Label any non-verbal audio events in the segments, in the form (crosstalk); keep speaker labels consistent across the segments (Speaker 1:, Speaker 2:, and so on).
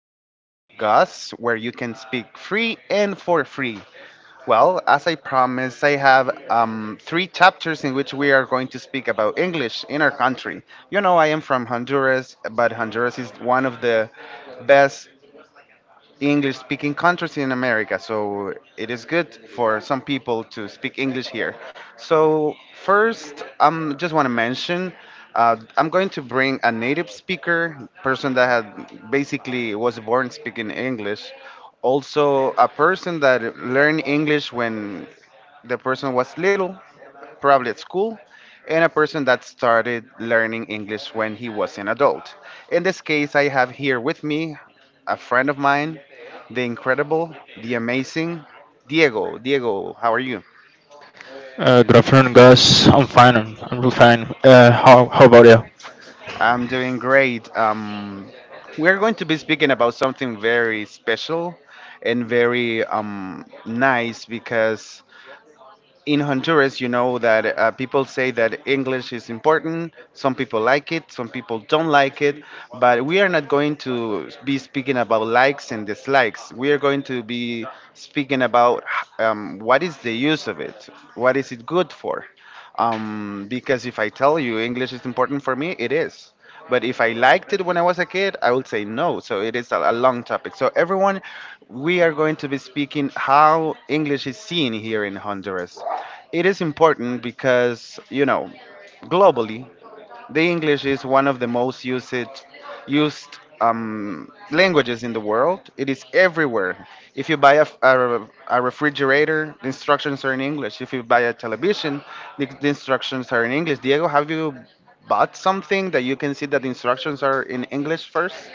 Speaker 1: from Pod Gus, where you can speak free and for free. Well, as I promised, I have three chapters in which we are going to speak about English in our country. You know, I am from Honduras, but Honduras is one of the best the English speaking countries in America, so it is good for some people to speak English here. So, first, I just want to mention I'm going to bring a native speaker, person that had basically was born speaking English, also a person that learned English when the person was little, probably at school, and a person that started learning English when he was an adult. In this case, I have here with me a friend of mine, the incredible, the amazing Diego. Diego, how are you?
Speaker 2: Good afternoon, guys. I'm fine. I'm real fine. How about you?
Speaker 1: I'm doing great. We're going to be speaking about something very special and very nice, because in Honduras, you know that people say that English is important. Some people like it, some people don't like it. But we are not going to be speaking about likes and dislikes. We are going to be speaking about what is the use of it, what is it good for. Because if I tell you English is important for me, it is. But if I liked it when I was a kid, I would say no. So it is a long topic. So, everyone, we are going to be speaking how English is seen here in Honduras. It is important because, you know, globally, the English is one of the most used languages in the world. It is everywhere. If you buy a, f- a re- a refrigerator, the instructions are in English. If you buy a television, the instructions are in English. Diego, have you bought something that you can see that the instructions are in English first?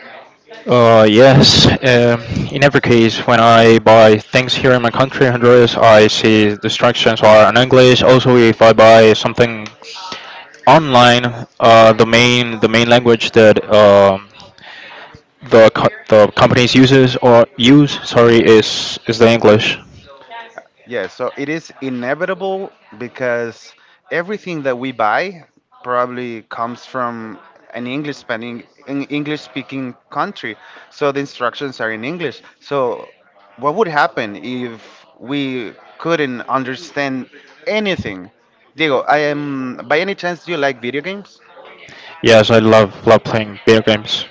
Speaker 2: Yes. In every case, when I buy things here in my country, Honduras, I see the instructions are in English. Also, if I buy something online, the main language that the companies uses or use, sorry, is the English.
Speaker 1: Yeah, so it is inevitable because everything that we buy probably comes from an English speaking country. So the instructions are in English. So what would happen if we couldn't understand anything? Diego, I am by any chance, do you like video games?
Speaker 2: Yes, I love playing video games.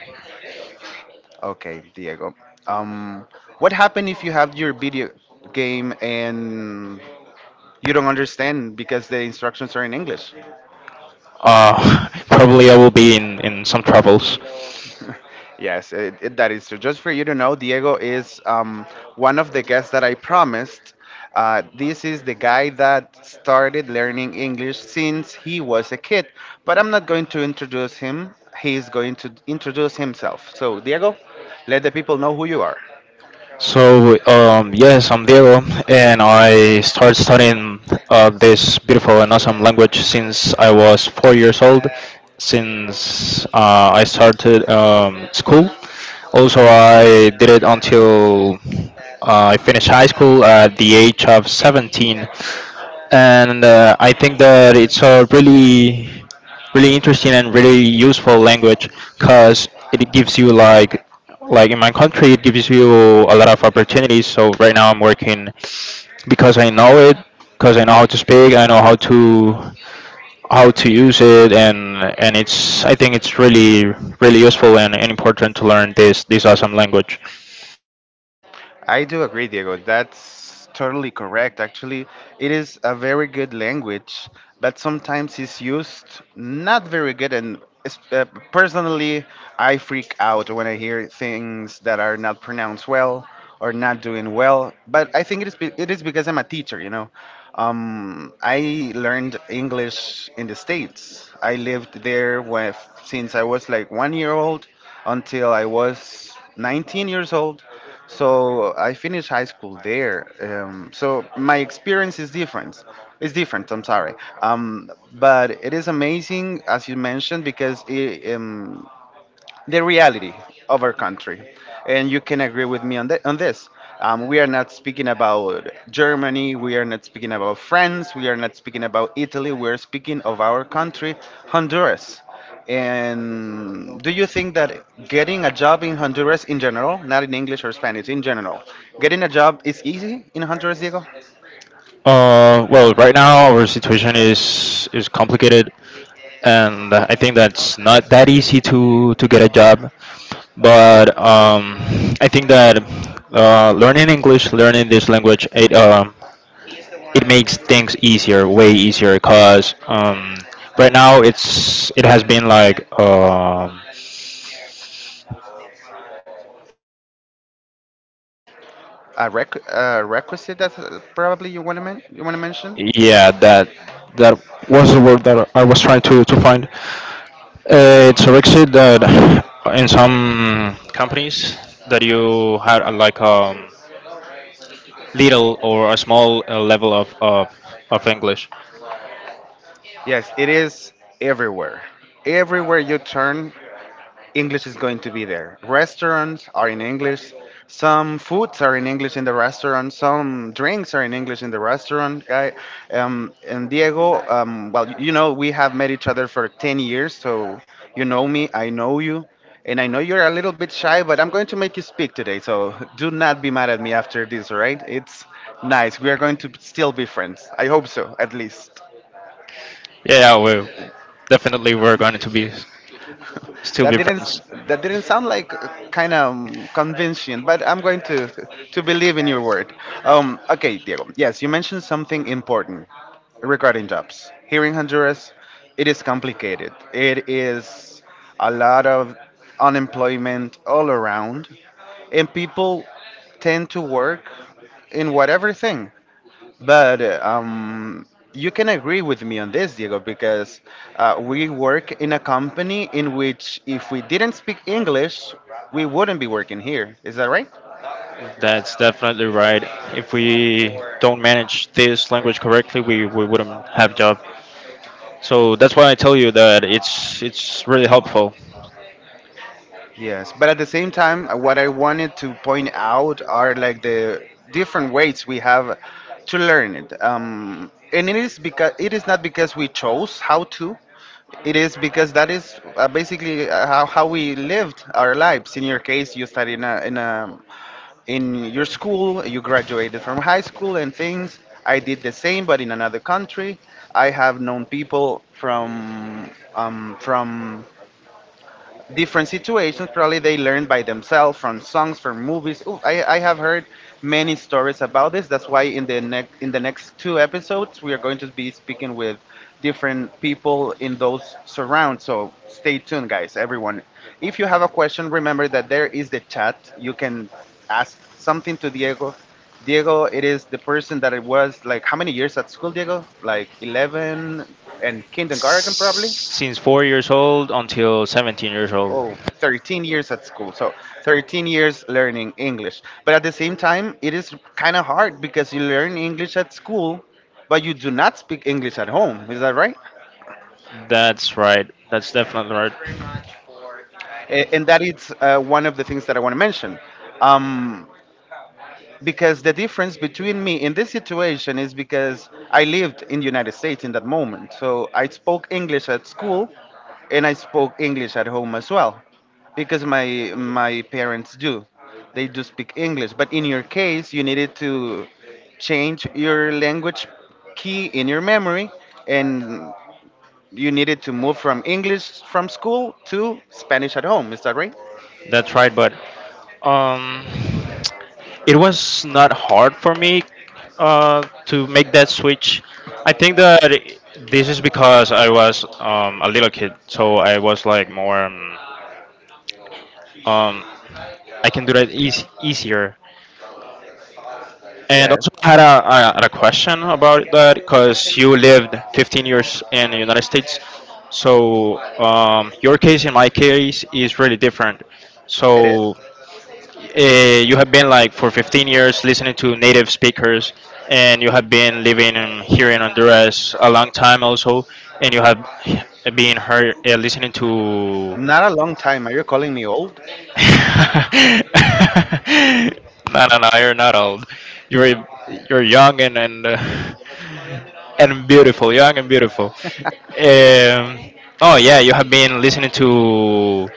Speaker 1: Okay, Diego. Um, what happened if you have your video game and you don't understand because the instructions are in English?
Speaker 2: (laughs) Probably I will be in some troubles.
Speaker 1: Yes, that is true. Just for you to know, Diego is one of the guests that I promised. This is the guy that started learning English since he was a kid. But I'm not going to introduce him. He is going to introduce himself. So, Diego, let the people know who you are.
Speaker 2: So yes, I'm Diego, and I started studying this beautiful and awesome language since I was 4 years old. Since I started school, also I did it until I finished high school at the age of 17. And I think that it's a really, really interesting and really useful language because it gives you like in my country, it gives you a lot of opportunities. So right now I'm working because I know it, because I know how to speak, I know how to use it, and it's I think it's really useful and, important to learn this awesome language.
Speaker 1: I do agree, Diego. That's totally correct. Actually, it is a very good language, but sometimes it's used not very good. And es- uh, personally, I freak out when I hear things that are not pronounced well or not doing well. But I think it is because I'm a teacher. You know, I learned English in the States. I lived there since I was like 1 year old until I was 19 years old. So I finished high school there. So my experience is different. It's different. I'm sorry. But it is amazing, as you mentioned, because it, the reality of our country. And you can agree with me on that, on this. We are not speaking about Germany, we are not speaking about France, we are not speaking about Italy, we're speaking of our country, Honduras. And do you think that getting a job in Honduras in general, not in English or Spanish, in general, getting a job is easy in Honduras, Diego?
Speaker 2: Well, right now our situation is complicated, and I think that's not that easy to get a job. But I think that learning English, learning this language, it makes things easier, way easier. 'Cause right now it has been like,
Speaker 1: A requisite that probably you want to mention?
Speaker 2: yeah, that was the word that I was trying to find. It's a requisite that in some companies that you had a, like a little or a small level of English.
Speaker 1: Yes, it is everywhere. Everywhere you turn, English is going to be there. Restaurants are in English. Some foods are in English in the restaurant. Some drinks are in English in the restaurant. I, and Diego, well, you know, we have met each other for 10 years, so you know me, I know you. And I know you're a little bit shy, but I'm going to make you speak today, so do not be mad at me after this, all right? It's nice. We are going to still be friends. I hope so, at least.
Speaker 2: Yeah, yeah, we definitely we're going to be still
Speaker 1: That
Speaker 2: be
Speaker 1: didn't
Speaker 2: friends.
Speaker 1: that didn't sound like kind of convincing, but I'm going to believe in your word. Okay, Diego. Yes, you mentioned something important regarding jobs. Here in Honduras, it is complicated. It is a lot of unemployment all around, and people tend to work in whatever thing. But you can agree with me on this, Diego, because we work in a company in which, if we didn't speak English, we wouldn't be working here. Is that right?
Speaker 2: That's definitely right. If we don't manage this language correctly, we wouldn't have job. So that's why I tell you that it's really helpful.
Speaker 1: Yes, but at the same time, what I wanted to point out are like the different ways we have to learn it. And it is because it is not because we chose how to. It is because that is basically, how we lived our lives. In your case, you studied in your school. You graduated from high school and things. I did the same, but in another country. I have known people from, from different situations. Probably they learn by themselves, from songs, from movies. Ooh, I have heard many stories about this. That's why in the next, in the next two episodes, we are going to be speaking with different people in those surrounds. So stay tuned, guys. Everyone, if you have a question, remember that there is the chat. You can ask something to Diego. Diego, it is the person that, it was like, how many years at school, Diego? Like 11 and kindergarten, probably?
Speaker 2: Since 4 years old until 17 years old.
Speaker 1: Oh, 13 years at school. So 13 years learning English. But at the same time, it is kind of hard because you learn English at school, but you do not speak English at home. Is that right?
Speaker 2: That's right. That's definitely right.
Speaker 1: And that is one of the things that I want to mention. Um, because the difference between me in this situation is because I lived in the United States in that moment. So I spoke English at school, and I spoke English at home as well, because my parents do. They do speak English, but in your case you needed to change your language key in your memory, and you needed to move from English from school to Spanish at home. Is that right?
Speaker 2: That's right, but um, it was not hard for me to make that switch. I think that this is because I was a little kid, so I was like more. Um, I can do that easier. And
Speaker 1: Yeah,
Speaker 2: also I had a question about that because you lived 15 years in the United States, so your case and my case is really different.
Speaker 1: it is.
Speaker 2: So you have been like for 15 years listening to native speakers, and you have been living and here in Honduras a long time also, and you have been heard, listening to (laughs)
Speaker 1: Not a long time. Are you calling me old?
Speaker 2: no, no, no, you're not old. you're you're young and beautiful. Young and beautiful. um, oh yeah, you have been listening to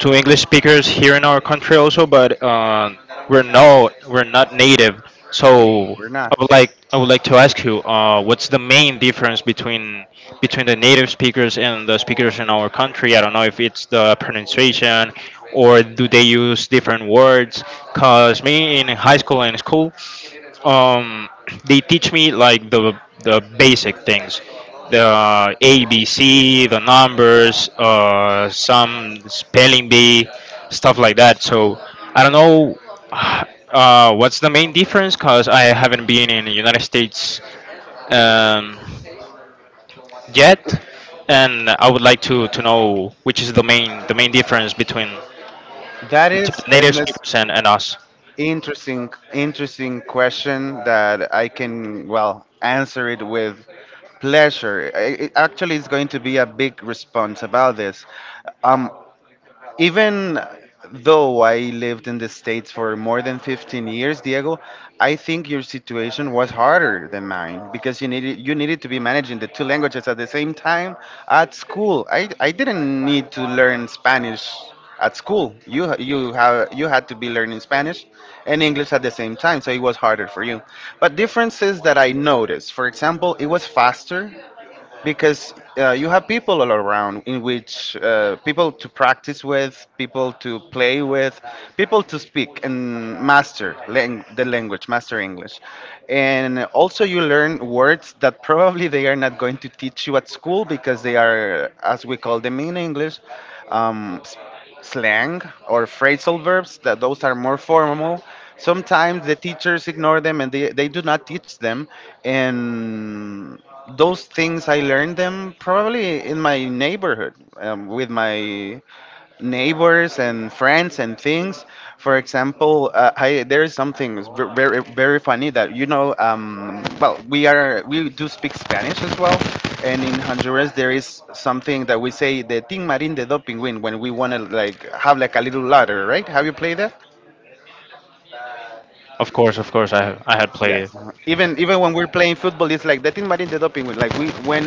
Speaker 2: to English speakers here in our country also, but we're not native. So
Speaker 1: We're not.
Speaker 2: I would like to ask you, what's the main difference between the native speakers and the speakers in our country? I don't know if it's the pronunciation, or do they use different words? 'Cause me in high school and school, um they teach me like the basic things, the ABC, the numbers, some spelling bee stuff like that. So I don't know. (sighs) What's the main difference? Because I haven't been in the United States um yet, and I would like to know which is the main difference
Speaker 1: That
Speaker 2: between
Speaker 1: is
Speaker 2: the native
Speaker 1: an is-
Speaker 2: speakers and, us.
Speaker 1: interesting interesting question that I can well answer it with pleasure. It actually is going to be a big response about this. Um, Even though I lived in the States for more than 15 years, Diego, I think your situation was harder than mine, because you needed to be managing the two languages at the same time at school. I didn't need to learn Spanish at school. You had to be learning Spanish and English at the same time, so it was harder for you. But differences that I noticed, for example, it was faster because you have people all around, in which people to practice with, people to play with, people to speak and master the language, master English. And also, you learn words that probably they are not going to teach you at school because they are, as we call them in English, um, slang, or phrasal verbs. That those are more formal. Sometimes the teachers ignore them and they do not teach them, and those things I learned them probably in my neighborhood, with my neighbors and friends and things. For example, there is something very very funny that you know. Well, we do speak Spanish as well, and in Honduras there is something that we say, the tin marin de do pingüin, when we want to, like, have like a little ladder, right? Have you played that?
Speaker 2: Of course, of course, I had played.
Speaker 1: Yes. Uh-huh. Even when we're playing football, it's like the tin marin de do pingüin. Like, we when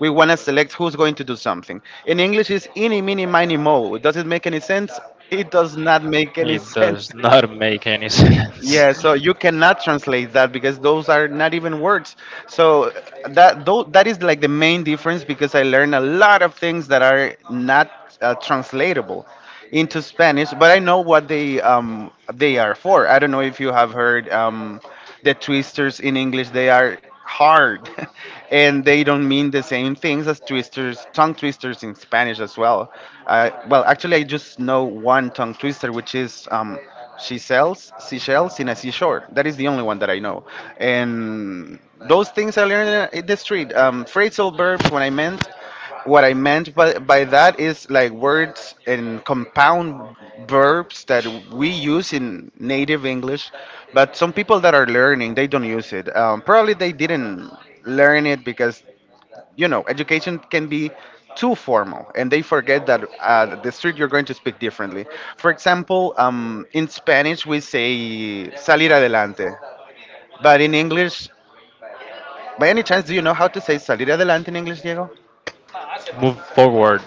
Speaker 1: we want to select who's going to do something. In English, it's eeny meeny miny mo. Does it make any sense? It does not make any (laughs)
Speaker 2: It
Speaker 1: sense.
Speaker 2: does not make any sense.
Speaker 1: Yeah, so you cannot translate that because those are not even words. So that, though, that is like the main difference, because I learned a lot of things that are not translatable into Spanish, but I know what they are for. I don't know if you have heard the twisters in English. They are hard, (laughs) and they don't mean the same things as twisters, tongue twisters in Spanish as well. I just know one tongue twister, which is. She sells seashells in a seashore. That is the only one that I know. And those things I learned in the street. Phrasal verbs. When I meant what I meant by that is like words and compound verbs that we use in native English, but some people that are learning they don't use it. Probably they didn't learn it because you know, education can be too formal, and they forget that the street you're going to speak differently. For example, in Spanish we say salir adelante, but in English, by any chance, do you know how to say salir adelante in English, Diego?
Speaker 2: (laughs) Move forward.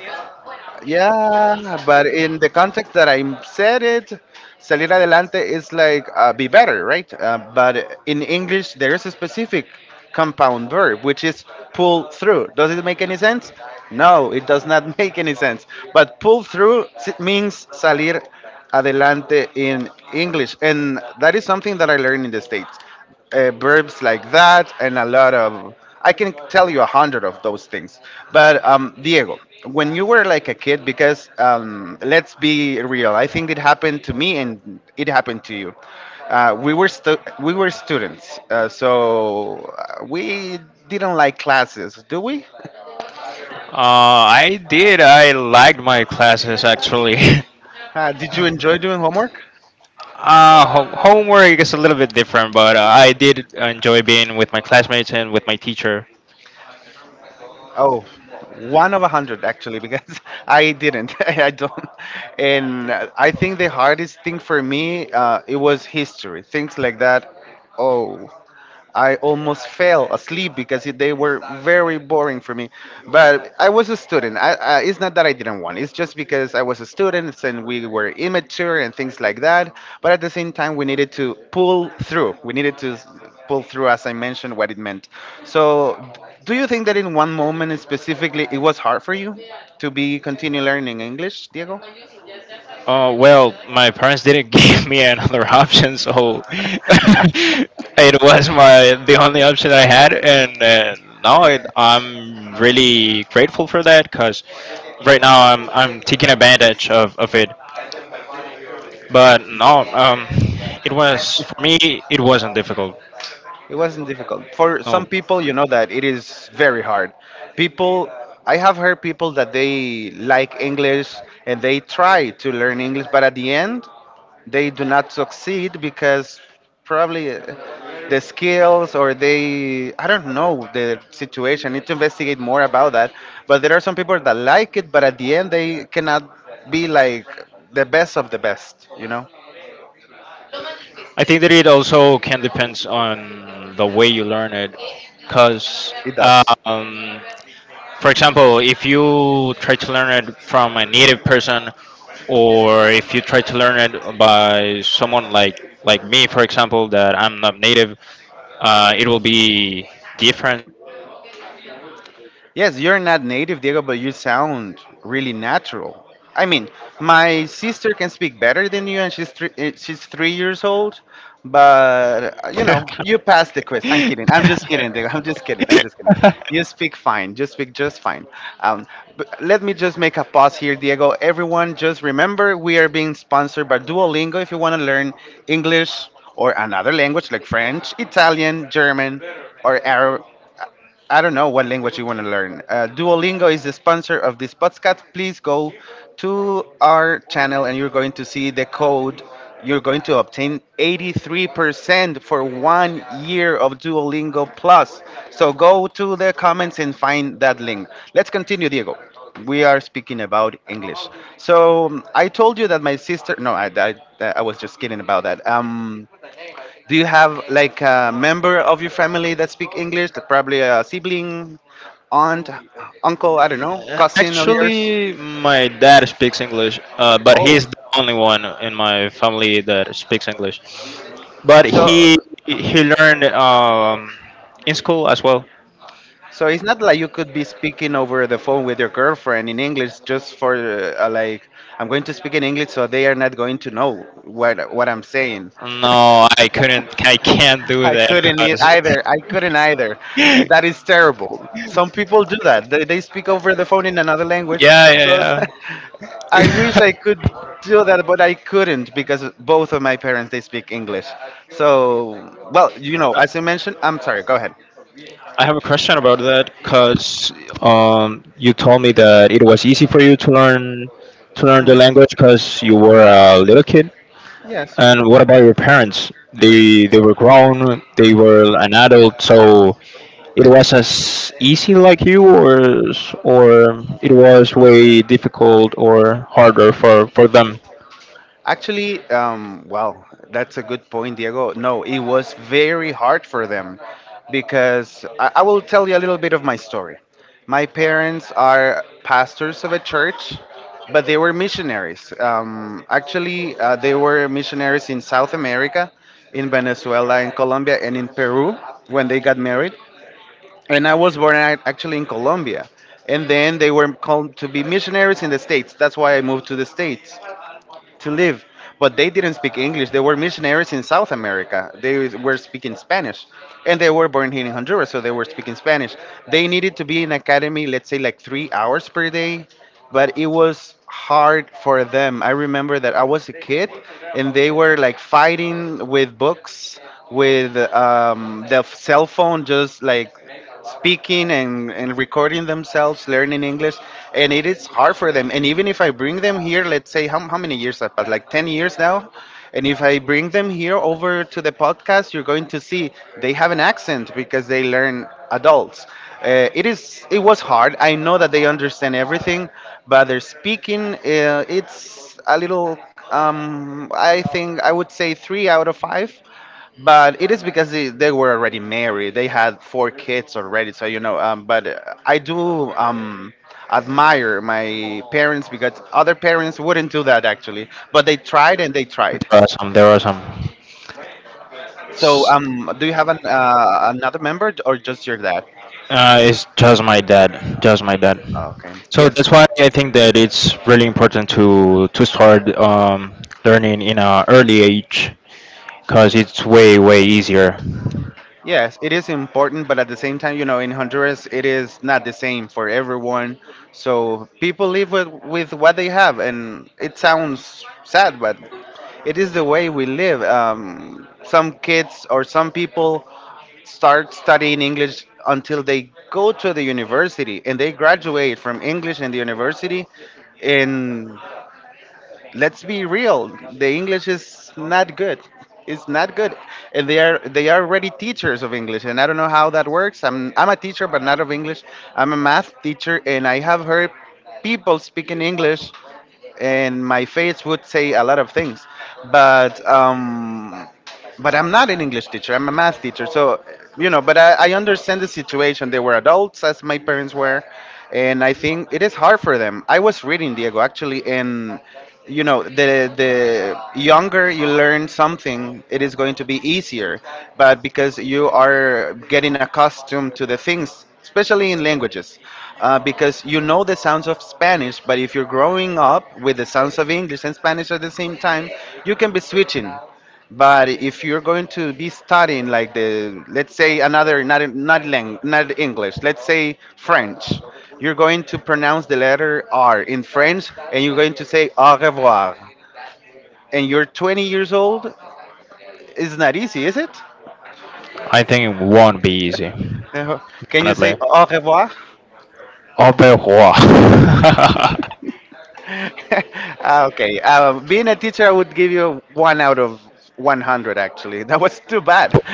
Speaker 1: Yeah, but in the context that I said it, salir adelante is like be better, right? But in English, there is a specific compound verb which is pull through. Does it make any sense? No, it does not (laughs) make any sense. But means salir adelante in English, and that is something that I learned in the States, verbs like that and a lot of, I can tell you a hundred of those things. But, Diego, when you were like a kid, because let's be real, I think it happened to me and it happened to you. We were students, so we didn't like classes, do we?
Speaker 2: I did. I liked my classes actually. (laughs)
Speaker 1: Did you enjoy doing homework?
Speaker 2: Homework is a little bit different, but I did enjoy being with my classmates and with my teacher.
Speaker 1: Oh, one of a hundred actually, because (laughs) I didn't. (laughs) I don't. And I think the hardest thing for me, it was history, things like that. Oh. I almost fell asleep because they were very boring for me. But I was a student. It's not that I didn't want. It's just because I was a student and we were immature and things like that. But at the same time, we needed to pull through. We needed to s- pull through, as I mentioned, what it meant. So, do you think that in one moment specifically, it was hard for you to be continue learning English, Diego?
Speaker 2: Well, my parents didn't (laughs) give me another option, so (laughs) it was my the only option I had, and I'm really grateful for that because right now I'm taking advantage of it. But no, it was for me. It wasn't difficult.
Speaker 1: It wasn't difficult. For some
Speaker 2: No,
Speaker 1: people, you know that it is very hard. People, I have heard people that they like English and they try to learn English, but at the end, they do not succeed because probably the skills or they, I don't know the situation. I need to investigate more about that. But there are some people that like it, but at the end, they cannot be like the best of the best, you know?
Speaker 2: I think that it also can depends on the way you learn it, because
Speaker 1: It does.
Speaker 2: um, for example, if you try to learn it from a native person, or if you try to learn it by someone like me, for example, that I'm not native, it will be different.
Speaker 1: Yes, you're not native, Diego, but you sound really natural. I mean, my sister can speak better than you, and she's 3 years old. But you know, you
Speaker 2: (laughs)
Speaker 1: passed the quiz. I'm kidding. I'm just kidding, Diego. (laughs) I'm just kidding. I'm just kidding. You speak fine. You speak just fine. Um, but let me just make a pause here, Diego. Everyone, just remember we are being sponsored by Duolingo. If you want to learn English or another language like French, Italian, German, or Arab, I don't know what language you want to learn. Duolingo is the sponsor of this podcast. Please go to our channel and you're going to see the code. You're going to obtain 83% for 1 year of Duolingo Plus. So go to the comments and find that link. Let's continue, Diego. We are speaking about English. So I told you that my sister. No, I was just kidding about that. Do you have like a member of your family that speak English? That probably a sibling, aunt, uncle, I don't know, cousin of yours?
Speaker 2: Actually, my dad speaks English, but
Speaker 1: Oh,
Speaker 2: he's the only one in my family that speaks English. But
Speaker 1: so
Speaker 2: he learned in school as well.
Speaker 1: so it's not like you could be speaking over the phone with your girlfriend in English just for like I'm going to speak in English so they are not going to know what I'm saying.
Speaker 2: No, I couldn't. I can't do
Speaker 1: I
Speaker 2: that.
Speaker 1: couldn't e-
Speaker 2: 'Cause (laughs)
Speaker 1: either. I couldn't either.
Speaker 2: yeah,
Speaker 1: That is terrible. Some people do that. They speak over the phone in another language. So
Speaker 2: yeah,
Speaker 1: (laughs) I
Speaker 2: yeah.
Speaker 1: wish I
Speaker 2: (laughs)
Speaker 1: could do that, but I couldn't because both of my parents they speak English. So well, you know, as you mentioned, I'm sorry. Go ahead.
Speaker 2: I have a question about that. 'Cause you told me that it was easy for you to learn the
Speaker 1: Hmm.
Speaker 2: language because you were a little kid.
Speaker 1: Yes.
Speaker 2: And what about your parents? They were grown, they were an adult, so it was as easy like you, or or it was way difficult or harder for them.
Speaker 1: Actually, well, that's a good point, Diego. No, it was very hard for them because I will tell you a little bit of my story. My parents are pastors of a church, but they were missionaries. They were missionaries in South America, in Venezuela, in Colombia, and in Peru when they got married. And I was born actually in Colombia. And then they were called to be missionaries in the States. That's why I moved to the States to live. But they didn't speak English. They were missionaries in South America. They were speaking Spanish. And they were born here in Honduras, so they were speaking Spanish. They needed to be in academy, let's say like 3 hours per day, but it was hard for them. I remember that I was a kid and they were like fighting with books, with the cell phone, just like speaking and recording themselves learning English, and it is hard for them. And even if I bring them here, let's say, how many years have passed, like 10 years now, and if I bring them here over to the podcast, you're going to see they have an accent because they learn adults. It was hard. I know that they understand everything, but their speaking, it's a little, I think I would say three out of five. But it is because they were already married. They had four kids already. So, you know, but I do admire my parents because other parents wouldn't do that actually. But they tried and they tried.
Speaker 2: There are some. There are some.
Speaker 1: So,
Speaker 2: S-
Speaker 1: do you have another member or just your dad?
Speaker 2: It's just my dad. Just my dad.
Speaker 1: Okay.
Speaker 2: So
Speaker 1: Yes.
Speaker 2: that's why I think that it's really important to start learning in an early age, because it's way easier.
Speaker 1: Yes, it is important, but at the same time, you know, in Honduras, it is not the same for everyone. So people live with what they have, and it sounds sad, but it is the way we live. Some kids or some people start studying English until they go to the university and they graduate from English and the university. And let's be real, the English is not good. It's not good. And they are already teachers of English, and I don't know how that works. I'm a teacher, but not of English. I'm a math teacher, and I have heard people speaking English, and my face would say a lot of things. but um but I'm not an English teacher. I'm a math teacher. So, you know, but I understand the situation. They were adults, as my parents were, and I think it is hard for them. I was reading, Diego, actually, and you know, the younger you learn something, it is going to be easier. But because you are getting accustomed to the things, especially in languages, because you know the sounds of Spanish, but if you're growing up with the sounds of English and Spanish at the same time, you can be switching. But if you're going to be studying like the, let's say another, not English, let's say French, you're going to pronounce the letter R in French and you're going to say au revoir. And you're 20 years old, it's not easy, is it?
Speaker 2: I think it won't be easy,
Speaker 1: Uh, Can you
Speaker 2: definitely.
Speaker 1: say au revoir?
Speaker 2: All bad. (laughs)
Speaker 1: (laughs) Ah, okay. Being a teacher, I would give you one out of 100, actually. (laughs) That was too bad. (laughs)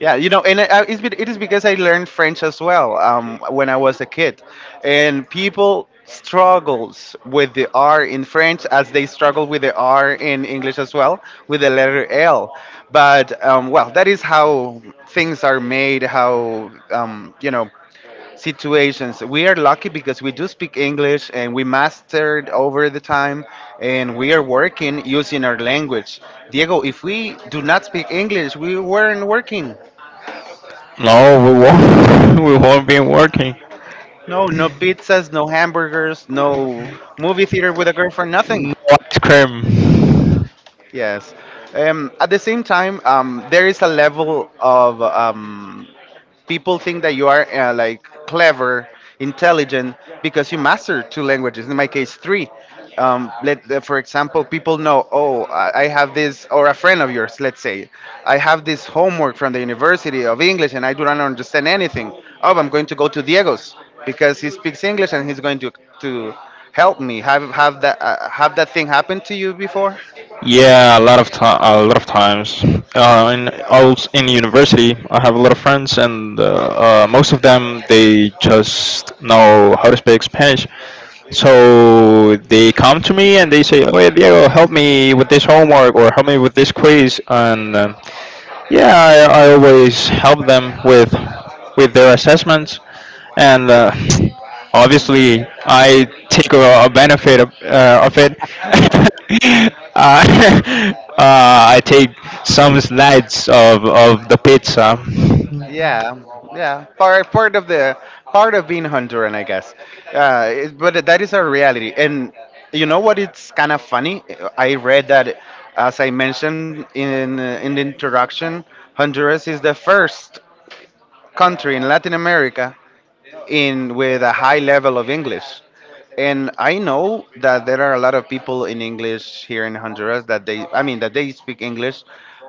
Speaker 1: Yeah, you know, and I, it is because I learned French as well when I was a kid, and people struggles with the R in French as they struggle with the R in English as well with the letter L. But well, that is how things are made. How you know situations. We are lucky because we do speak English and we mastered over the time, and we are working using our language. Diego, if we do not speak English, we weren't working.
Speaker 2: No, we won't. (laughs) We won't be working.
Speaker 1: No, no pizzas, no hamburgers, no movie theater with a girlfriend, nothing.
Speaker 2: No ice cream.
Speaker 1: Yes. At the same time, there is a level of people think that you are like clever, intelligent because you master two languages. In my case, three. Let For example, people know. Oh, I have this, or a friend of yours, let's say, I have this homework from the University of English, and I do not understand anything. Oh, I'm going to go to Diego's because he speaks English, and he's going to help me. Have that thing happened to you before?
Speaker 2: Yeah, (laughs) a lot of time, a lot of times. In I was in university, I have a lot of friends, and most of them they just know how to speak Spanish. So they come to me and they say, "Oye, Diego, help me with this homework or help me with this quiz." And yeah, I always help them with their assessments, and (tsk) obviously I take a benefit of it. (laughs) (laughs) I take some slides of the pizza.
Speaker 1: Yeah, yeah. Part of being Honduran, I guess. But that is our reality. And you know what? It's kind of funny. I read that, as I mentioned in the introduction, Honduras is the first country in Latin America in with a high level of English. And I know that there are a lot of people in English here in Honduras that that they speak English,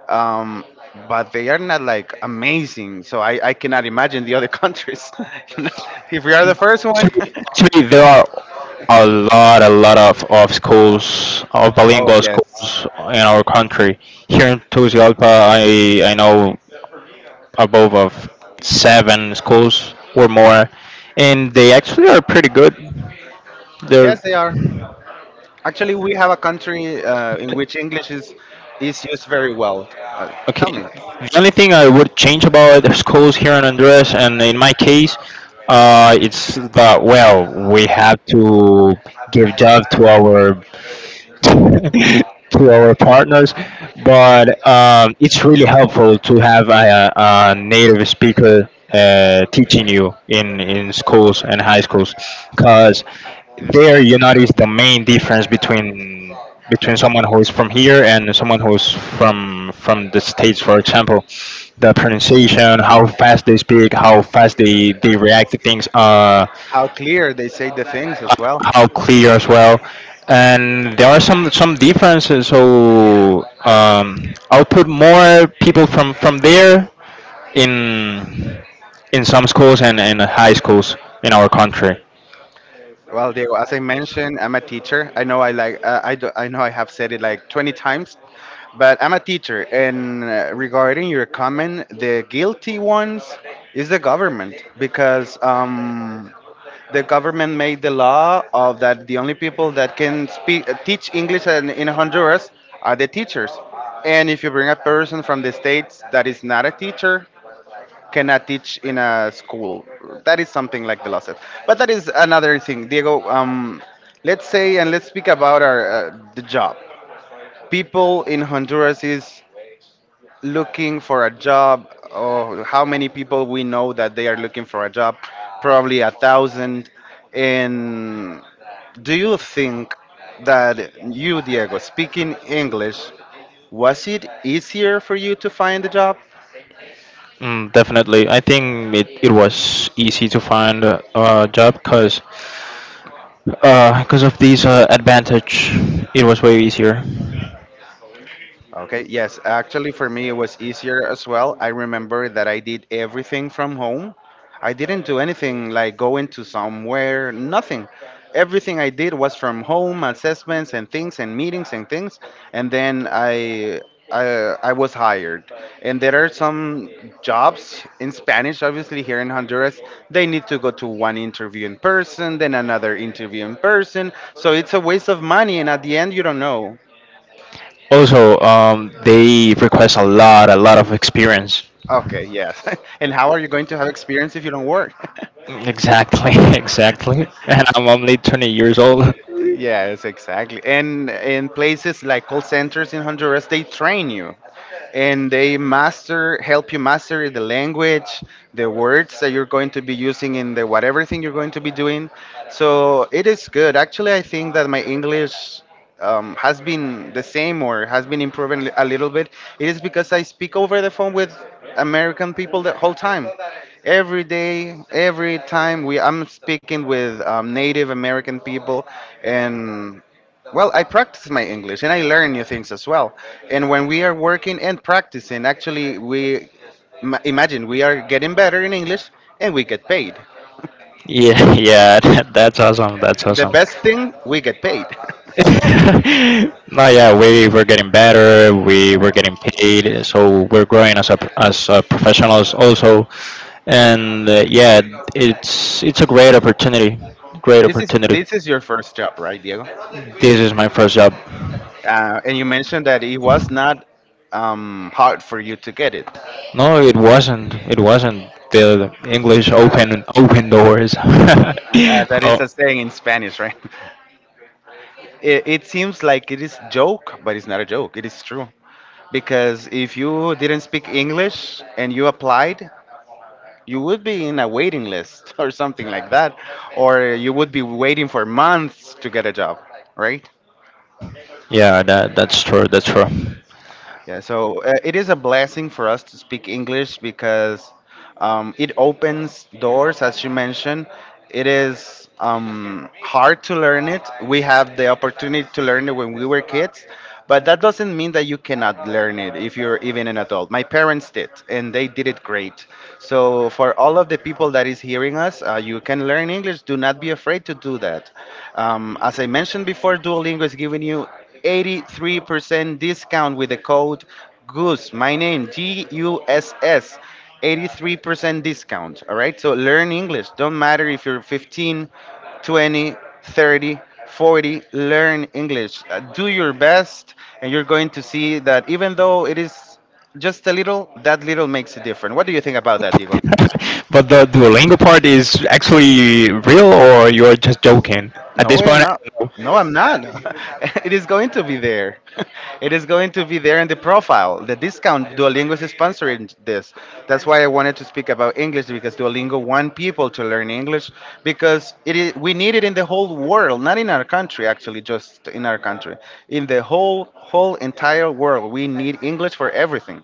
Speaker 1: um, but they are not like amazing. So I cannot imagine the other countries. (laughs) you know? If we are the first one,
Speaker 2: Actually, there are a lot of schools, of
Speaker 1: (laughs) oh
Speaker 2: bilingual
Speaker 1: yes,
Speaker 2: schools in our country. Here in Tegucigalpa, I know above of seven schools or more, and they actually are pretty good.
Speaker 1: yes
Speaker 2: They're
Speaker 1: they are. Actually, we have a country in which English is used very well. Uh,
Speaker 2: okay.
Speaker 1: Tell me
Speaker 2: The only thing I would change about the schools here in Honduras, and in my case, it's that well, we have to give job to our (laughs) to our partners, but it's really helpful to have a native speaker teaching you in schools and high schools because there you notice the main difference between someone who is from here and someone who's from the states, for example. The pronunciation, how fast they speak, how fast they react to things.
Speaker 1: how clear they say the things as well.
Speaker 2: How clear as well. And there are some differences. So I'll put more people from there in in some schools and in high schools in our country.
Speaker 1: Well, Diego, as I mentioned, I'm a teacher. I know I like I do, I know I have said it like 20 times, but I'm a teacher. And regarding your comment, the guilty ones is the government because the government made the law of that the only people that can speak teach English in Honduras are the teachers. And if you bring a person from the states that is not a teacher, cannot teach in a school. That is something like the law says. But that is another thing, Diego. Let's say and let's speak about our the job. People in Honduras is looking for a job. Oh, how many people we know that they are looking for a job? Probably a thousand. And do you think that you, Diego, speaking English, was it easier for you to find a job?
Speaker 2: Mm, definitely, I think it was easy to find a job because of this advantage, it was way easier.
Speaker 1: Okay, yes, actually for me it was easier as well. I remember that I did everything from home. I didn't do anything like going to somewhere, nothing. Everything I did was from home, assessments and things and meetings and things, and then I, I was hired. And there are some jobs in Spanish, obviously here in Honduras, they need to go to one interview in person, then another interview in person. So it's a waste of money, and at the end, you don't know.
Speaker 2: Also, they request a lot of experience.
Speaker 1: Okay, yes. (laughs) And how are you going to have experience if you don't work? (laughs)
Speaker 2: Exactly, (laughs) exactly. And I'm only 20 years old.
Speaker 1: Yes, exactly. And in places like call centers in Honduras, they train you and they master, help you master the language, the words that you're going to be using in the whatever thing you're going to be doing. So it is good. Actually, I think that my English has been the same or has been improving a little bit. It is because I speak over the phone with American people the whole time. Every day, every time we I'm speaking with Native American people, and well, I practice my English and I learn new things as well. And when we are working and practicing, actually, imagine we are getting better in English and we get paid.
Speaker 2: Yeah, yeah, that's awesome. That's
Speaker 1: The
Speaker 2: awesome.
Speaker 1: best
Speaker 2: (laughs)
Speaker 1: thing, we get paid. (laughs)
Speaker 2: No, yeah, we're getting better.
Speaker 1: Yeah,
Speaker 2: We're getting paid, so we're growing as as a professionals also. And yeah, it's a great opportunity. Great
Speaker 1: this is
Speaker 2: opportunity.
Speaker 1: this is your first job, right, Diego?
Speaker 2: This is my first job.
Speaker 1: And you mentioned that it was not hard for you to get it.
Speaker 2: No, it wasn't. It wasn't. The English open doors. (laughs)
Speaker 1: That
Speaker 2: Oh.
Speaker 1: is a saying in Spanish, right? (laughs) It seems like it is joke, but it's not a joke. It is true. Because if you didn't speak English and you applied, you would be in a waiting list (laughs) or something like that, or you would be waiting for months to get a job, right?
Speaker 2: Yeah, that's true. That's true.
Speaker 1: Yeah. So it is a blessing for us to speak English because it opens doors, as you mentioned. It is hard to learn it. We have the opportunity to learn it when we were kids, but that doesn't mean that you cannot learn it if you're even an adult. My parents did, and they did it great. So for all of the people that is hearing us, you can learn English. Do not be afraid to do that. As I mentioned before, Duolingo is giving you 83% discount with the code GOOSE. My name GUSS. 83% discount. All right. So learn English. Don't matter if you're 15, 20, 30, 40, learn English. Do your best, and you're going to see that even though it is just a little, that little makes a difference. What do you think about that, Diego?
Speaker 2: (laughs) But the Duolingo part is actually real, or you're just joking? At this
Speaker 1: No, I'm
Speaker 2: point,
Speaker 1: not.
Speaker 2: I don't
Speaker 1: No, I'm not. (laughs) it is going to be there. (laughs) it is going to be there in the profile. The discount Duolingo is sponsoring this. That's why I wanted to speak about English because Duolingo want people to learn English because it is, we need it in the whole world, not in our country actually, just in our country. In the whole entire world, we need English for everything.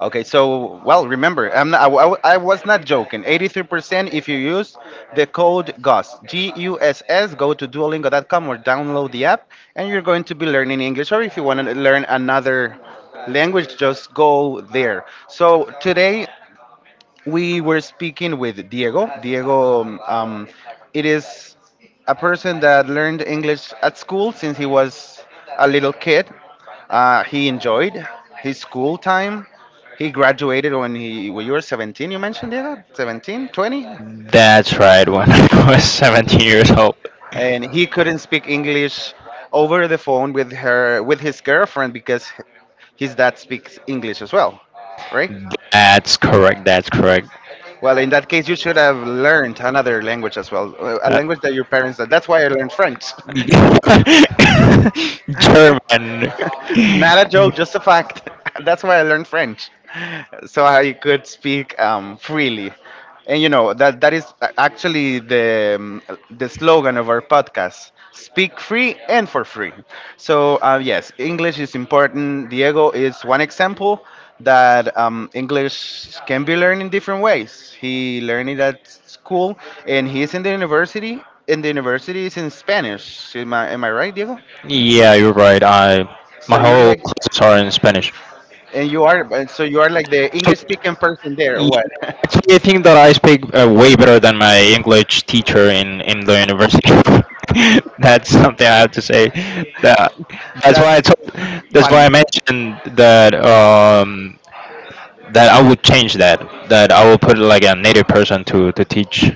Speaker 1: Okay, so well, remember, I was not joking. 83% if you use the code GUSS, G U S S, go to duolingo.com or download the app, and you're going to be learning English. Or if you want to learn another language, just go there. So today we were speaking with Diego. Diego, it is a person that learned English at school since he was a little kid. He enjoyed his school time. He graduated when you were 17. You mentioned Diego, 17, 20,
Speaker 2: know. That's right. When (laughs) I was 17 years old.
Speaker 1: and he couldn't speak English over the phone with his girlfriend because his dad speaks English as well, right?
Speaker 2: That's correct. That's correct.
Speaker 1: Well, in that case, you should have learned another language as well, a
Speaker 2: Uh,
Speaker 1: language that your parents. That's why I learned French. (laughs)
Speaker 2: (laughs) German.
Speaker 1: (laughs) Not a joke, just a fact. (laughs) That's why I learned French, so I could speak freely. And you know that that is actually the slogan of our podcast: "Speak free and for free." So yes, English is important. Diego is one example that English can be learned in different ways. He learned it at school, and he's in the university. And the university is in Spanish. Am I right, Diego?
Speaker 2: Yeah, you're right. I
Speaker 1: So
Speaker 2: My
Speaker 1: you're
Speaker 2: whole
Speaker 1: like.
Speaker 2: classes are in Spanish.
Speaker 1: And you are, and so you are like the English
Speaker 2: So
Speaker 1: speaking person there.
Speaker 2: yeah,
Speaker 1: Or what?
Speaker 2: actually, I think that I speak way better than my English teacher in the university. (laughs) That's something I have to say. That
Speaker 1: (laughs)
Speaker 2: that's why
Speaker 1: That's
Speaker 2: I told,
Speaker 1: (laughs)
Speaker 2: that's why
Speaker 1: funny.
Speaker 2: I mentioned that I would change that I will put like a native person to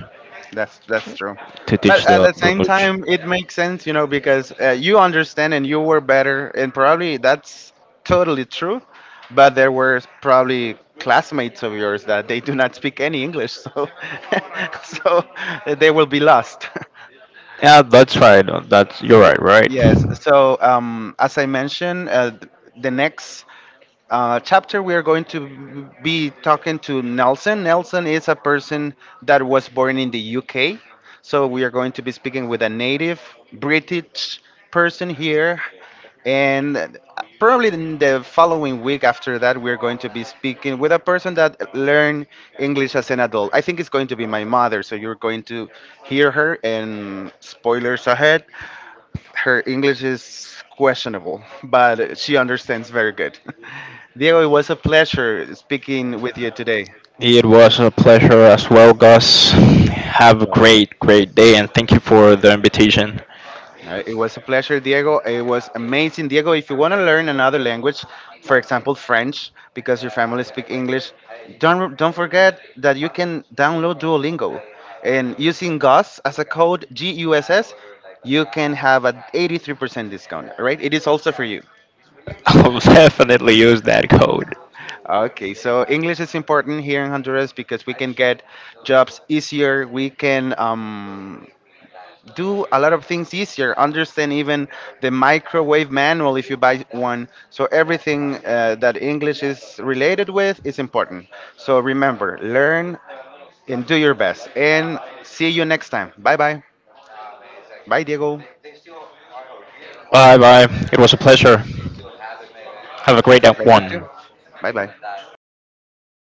Speaker 1: That's true.
Speaker 2: teach
Speaker 1: But at
Speaker 2: the
Speaker 1: the same
Speaker 2: language.
Speaker 1: time, it makes sense, you know, because you understand and you were better, and probably that's totally true. But there were probably classmates of yours that they do not speak any English, so (laughs) so they will be lost. (laughs)
Speaker 2: Yeah, that's right. That's You're
Speaker 1: Y-
Speaker 2: right, right?
Speaker 1: Yes. So as I mentioned, the next chapter, we are going to be talking to Nelson. Nelson is a person that was born in the UK. So we are going to be speaking with a native British person here. And probably in the following week after that, we're going to be speaking with a person that learned English as an adult. I think it's going to be my mother. So you're going to hear her and spoilers ahead her English is questionable, but she understands very good. (laughs) Diego, it was a pleasure speaking with you today.
Speaker 2: It was a pleasure as well, Gus. Have a
Speaker 1: So
Speaker 2: great, great day, and thank you for the invitation.
Speaker 1: it was a pleasure, Diego. It was amazing, Diego. If you want to learn another language, for example French, because your family speak English, don't forget that you can download Duolingo, and using GUSS as a code GUSS, you can have an 83% discount. Right? It is also for you.
Speaker 2: I'll (laughs) definitely use that code.
Speaker 1: Okay, so English is important here in Honduras because we can get jobs easier. We can do a lot of things easier. Understand even the microwave manual if you buy one. So everything that English is related with is important. So remember, learn and do your best. And see you next time. Bye bye. Bye, Diego.
Speaker 2: Bye bye. It was a pleasure. Have a great
Speaker 1: Pleasure
Speaker 2: one.
Speaker 1: too. Bye bye.